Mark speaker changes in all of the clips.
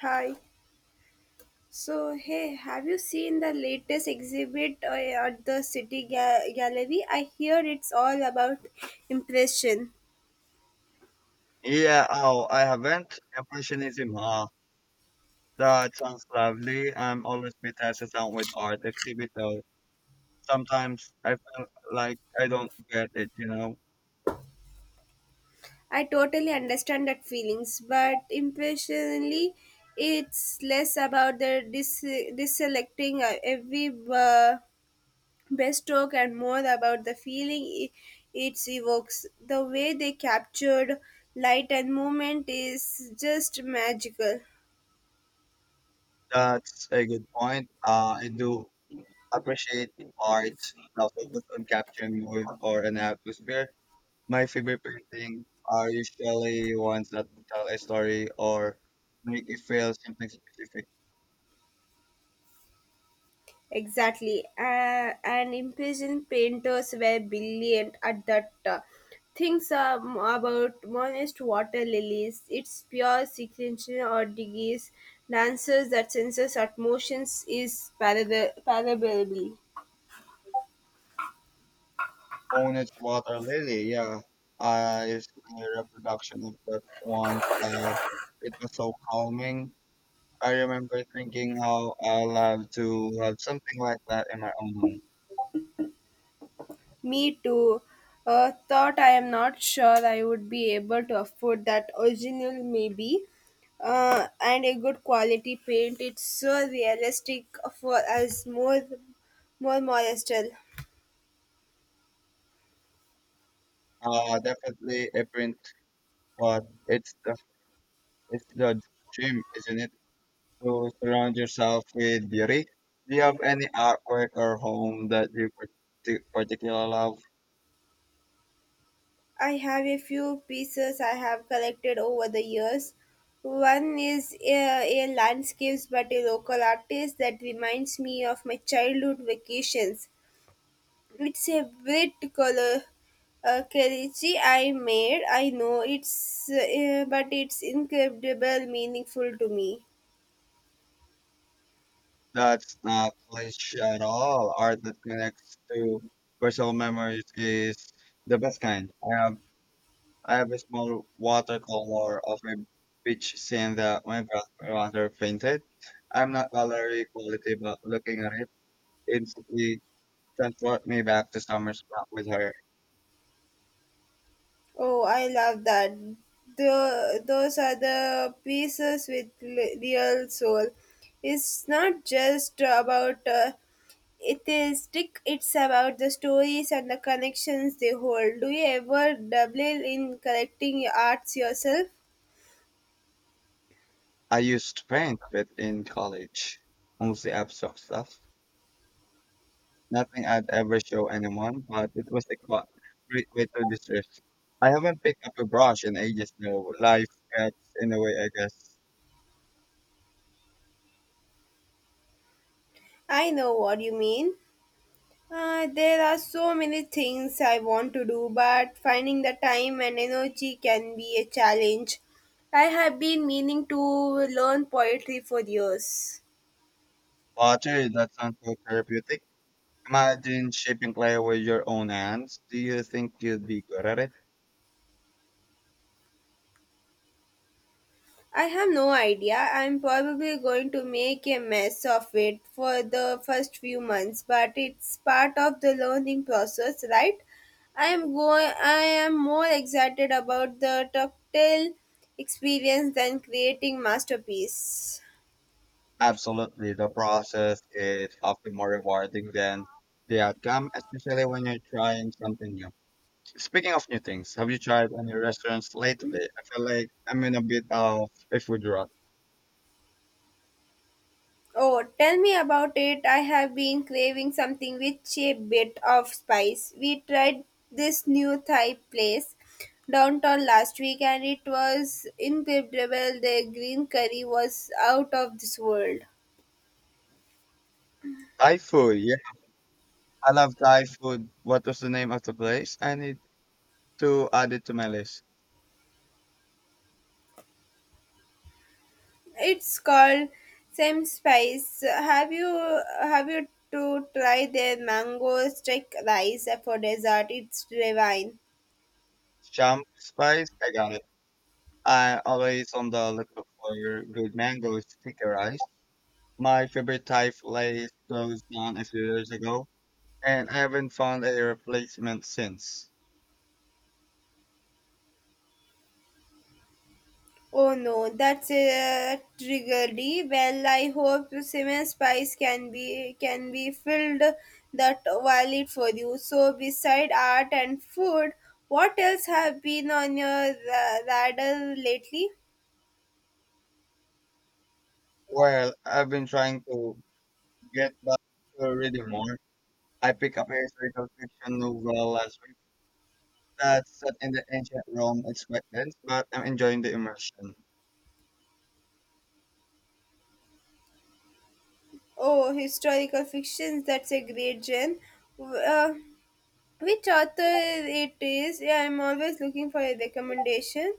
Speaker 1: Hi. So, hey, have you seen the latest exhibit at the City Gallery? I hear it's all about impression.
Speaker 2: Yeah, oh, I haven't. Impressionism, ah, that sounds lovely. I'm always a bit hesitant with art exhibit though. Sometimes I feel like I don't get it.
Speaker 1: I totally understand that feelings, but impressionally, it's less about the deselecting every brushstroke and more about the feeling it evokes. The way they captured light and movement is just magical.
Speaker 2: That's a good point. I do appreciate art that focus on capturing mood or an atmosphere. My favorite paintings are usually ones that tell a story or make you feel something specific.
Speaker 1: Exactly. And imprisoned painters were brilliant at that. Things are about modest water lilies, its pure sequential or degrees, dancers that senses at motions is parable.
Speaker 2: Honest water lily, yeah. It's a reproduction of that one. It was so calming. I remember thinking how I love to have something like that in my own home.
Speaker 1: Me too. Thought I am not sure I would be able to afford that original, maybe. And a good quality paint. It's so realistic for us, more modest.
Speaker 2: Definitely a print, but it's the dream, isn't it? To surround yourself with beauty. Do you have any artwork or home that you particularly love?
Speaker 1: I have a few pieces I have collected over the years. One is a landscapes by a local artist that reminds me of my childhood vacations. It's a bit color Kelechi I made. I know it's but it's incredible meaningful to me.
Speaker 2: That's not cliche at all. Art that connects to personal memories is the best kind. I have a small watercolor of a beach scene that my brother painted. I'm not gallery quality, but looking at it instantly transport me back to summer back with her.
Speaker 1: Oh, I love that. Those are the pieces with real soul. It's not just about it is thick. It's about the stories and the connections they hold. Do you ever dabble in collecting arts yourself?
Speaker 2: I used to paint a bit in college, mostly abstract stuff. Nothing I'd ever show anyone, but it was a great way to distress. I haven't picked up a brush in ages though. Life gets in the way, I guess.
Speaker 1: I know what you mean. There are so many things I want to do, but finding the time and energy can be a challenge. I have been meaning to learn poetry for years.
Speaker 2: Water, that sounds so therapeutic. Imagine shaping clay with your own hands. Do you think you'd be good at it?
Speaker 1: I have no idea. I'm probably going to make a mess of it for the first few months, but it's part of the learning process, right? I am more excited about the tactile experience than creating masterpiece.
Speaker 2: Absolutely. The process is often more rewarding than the outcome, especially when you're trying something new. Speaking of new things, have you tried any restaurants lately? I feel like I'm in a bit of a food rut.
Speaker 1: Oh, tell me about it. I have been craving something with a bit of spice. We tried this new Thai place downtown last week and it was incredible. The green curry was out of this world.
Speaker 2: Thai food, I love Thai food. What was the name of the place? I need to add it to my list.
Speaker 1: It's called Same Spice. Have you to try their mango stick rice for dessert? It's divine.
Speaker 2: Champ Spice, I got it. I always on the lookout for your good mango sticky rice. My favorite Thai place closed down a few years ago, and I haven't found a replacement since.
Speaker 1: Oh no, that's a tragedy. Well, I hope semen spice can be filled that wallet for you. So, beside art and food, what else have been on your radar lately?
Speaker 2: Well, I've been trying to get back to reading more. I picked up a historical fiction novel last week that's set in the ancient Rome. It's quite dense, but I'm enjoying the immersion.
Speaker 1: Oh, historical fictions. That's a great genre. W- Uh, which author it is? Yeah, I'm always looking for a recommendation.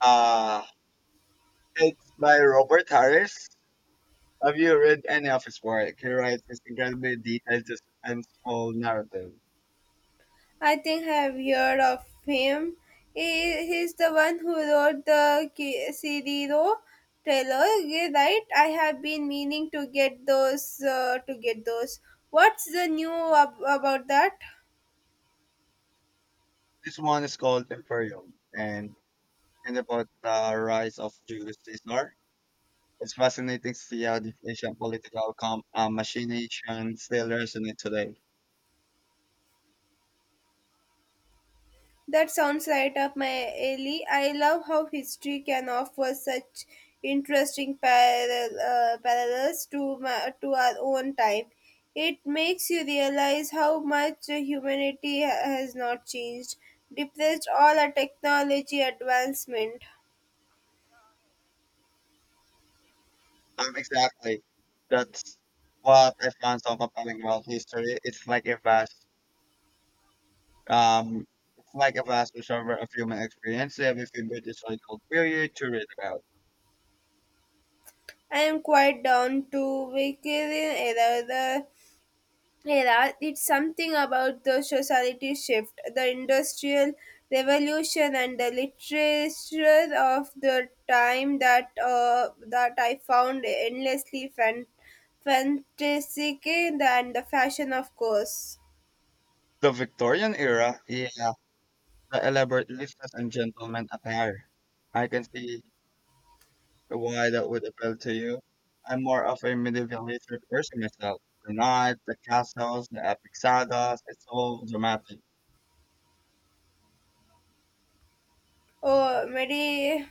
Speaker 2: Uh It's by Robert Harris. Have you read any of his work? He writes this incredibly detailed, suspenseful narrative.
Speaker 1: I think I have heard of him. He's the one who wrote the Cirilo trilogy, right? I have been meaning to get those. To get those. What's the new about that?
Speaker 2: This one is called Imperium, and about the rise of Julius Caesar. It's fascinating to see how the Asian political machination still resonates today.
Speaker 1: That sounds right up my alley. I love how history can offer such interesting parallels to to our own time. It makes you realize how much humanity has not changed, depressed all our technology advancement.
Speaker 2: Exactly. That's what I found so compelling about history. It's like a vast um, reservoir of human experience. You have a favorite historical period to read about.
Speaker 1: I am quite down to era, it's something about the society shift, the industrial revolution, and the literature of the time that that I found endlessly fantastic, and the fashion, of course.
Speaker 2: The Victorian era, yeah, the elaborate listas and gentleman attire. I can see why that would appeal to you. I'm more of a medieval history person myself. The knights, the castles, the epic sagas, it's all dramatic.
Speaker 1: Oh, Mary.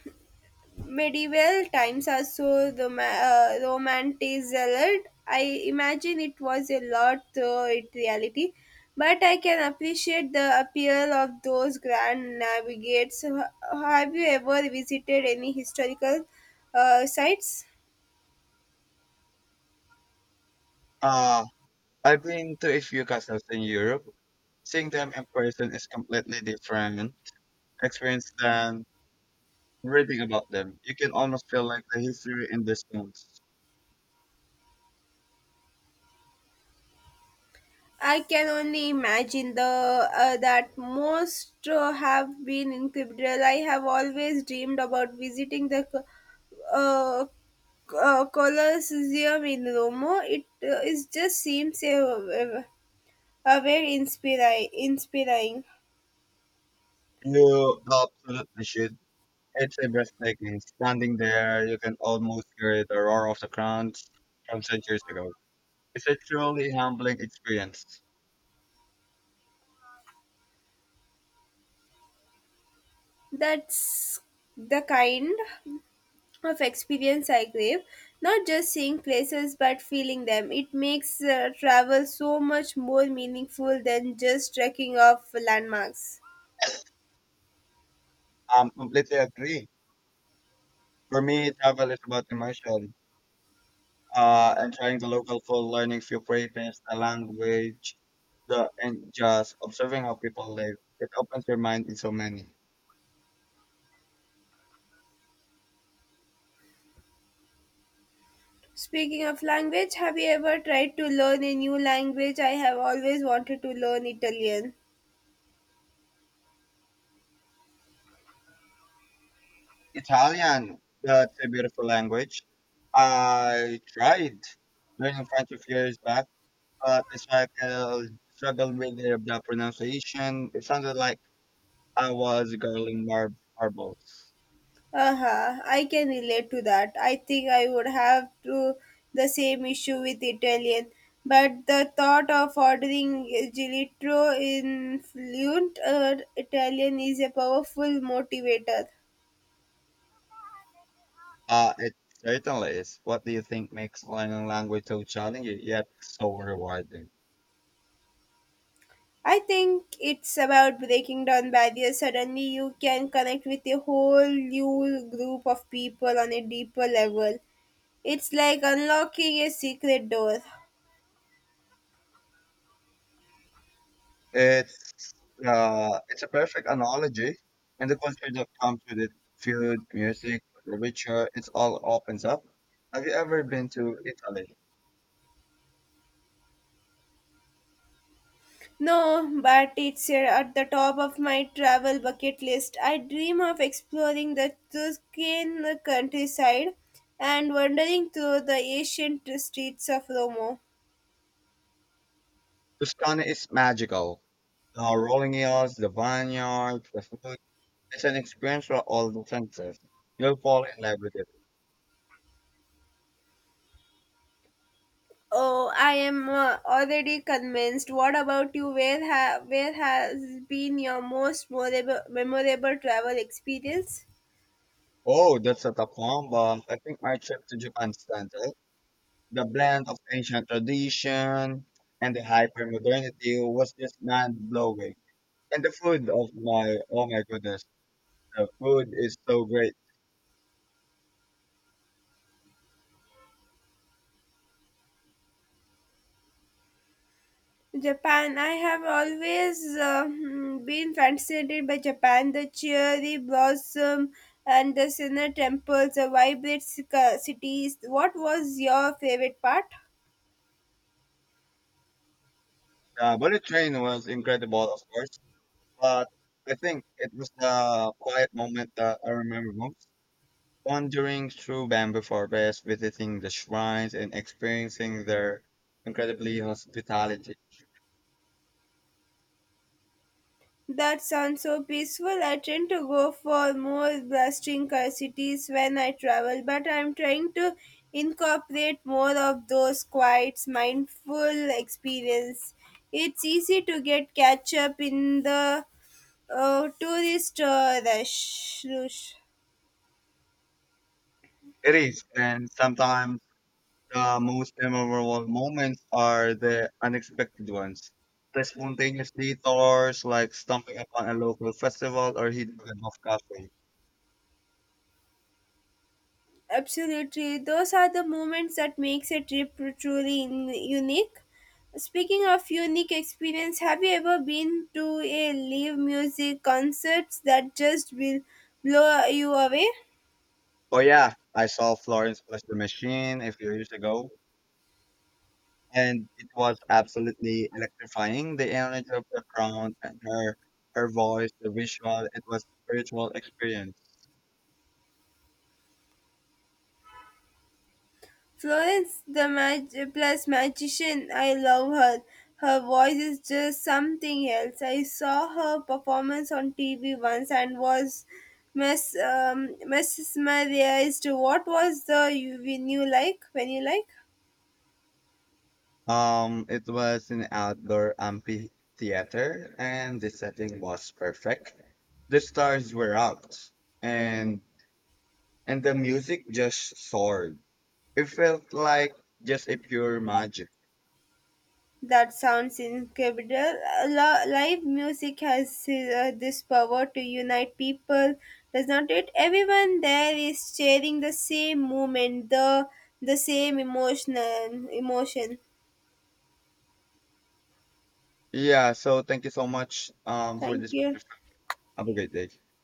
Speaker 1: Medieval times are so romanticized. I imagine it was a lot though in reality, but I can appreciate the appeal of those grand navigates. Have you ever visited any historical sites?
Speaker 2: Uh, I've been to a few castles in Europe. Seeing them in person is completely different experience than reading about them. You can almost feel like the history in the stones.
Speaker 1: I can only imagine the that most have been incredible. I have always dreamed about visiting the uh, Colosseum in Rome. It is just seems a very inspiring.
Speaker 2: You absolutely should. It's a breathtaking. Standing there, you can almost hear the roar of the crowds from centuries ago. It's a truly humbling experience.
Speaker 1: That's the kind of experience I crave. Not just seeing places, but feeling them. It makes travel so much more meaningful than just trekking off landmarks.
Speaker 2: Completely agree. For me, travel is about immersion. And trying the local food, learning few phrases, the language, the and just observing how people live. It opens your mind in so many.
Speaker 1: Speaking of language, have you ever tried to learn a new language? I have always wanted to learn Italian.
Speaker 2: Italian, that's a beautiful language. I tried learning French a few years back but it's like struggled with the pronunciation. It sounded like I was gargling marbles.
Speaker 1: Uh-huh, I can relate to that. I think I would have to the same issue with Italian. But the thought of ordering gelato in fluent Italian is a powerful motivator.
Speaker 2: It certainly is. What do you think makes learning language so challenging yet so rewarding?
Speaker 1: I think it's about breaking down barriers. Suddenly, you can connect with a whole new group of people on a deeper level. It's like unlocking a secret door.
Speaker 2: It's it's a perfect analogy, and the culture that comes with it, food, music, literature, it's all opens up. Have you ever been to Italy?
Speaker 1: No, but it's at the top of my travel bucket list. I dream of exploring the Tuscan countryside and wandering through the ancient streets of Rome.
Speaker 2: Tuscany is magical. The rolling hills, the vineyards, the food. It's an experience for all the senses. You'll fall in love with it.
Speaker 1: Oh, I am already convinced. What about you? Where has been your most memorable travel experience?
Speaker 2: Oh, that's a tough one, but I think my trip to Japan stands out. The blend of ancient tradition and the hypermodernity was just mind-blowing. And the food of my, oh my goodness, the food is so great.
Speaker 1: Japan. I have always been fascinated by Japan. The cherry blossom and the Sinnoh temples, the vibrant cities. What was your favorite part?
Speaker 2: The bullet train was incredible, of course, but I think it was the quiet moment that I remember most. Wandering through bamboo forests, visiting the shrines, and experiencing their incredibly hospitality.
Speaker 1: That sounds so peaceful. I tend to go for more bustling cities when I travel, but I'm trying to incorporate more of those quiet, mindful experience. It's easy to get catch up in the Oh, tourist rush.
Speaker 2: It is, and sometimes the most memorable moments are the unexpected ones. The spontaneous detours, like stumbling upon a local festival or hitting a off cafe.
Speaker 1: Absolutely. Those are the moments that makes a trip truly unique. Speaking of unique experience, have you ever been to a live music concerts that just will blow you away?
Speaker 2: Oh yeah, I saw Florence plus the Machine a few years ago and it was absolutely electrifying. The energy of the crowd, and her voice, the visual, it was spiritual experience.
Speaker 1: Florence plus magician, I love her. Her voice is just something else. I saw her performance on TV once and was mesmerized. What was the you when you like? When you like?
Speaker 2: It was an outdoor amphitheater, and the setting was perfect. The stars were out, and the music just soared. It felt like just a pure magic.
Speaker 1: That sounds incredible. Live music has this power to unite people, does not it? Everyone there is sharing the same moment, the same emotion.
Speaker 2: Yeah. So thank you so much for
Speaker 1: Thank
Speaker 2: this.
Speaker 1: you.
Speaker 2: Have a great day.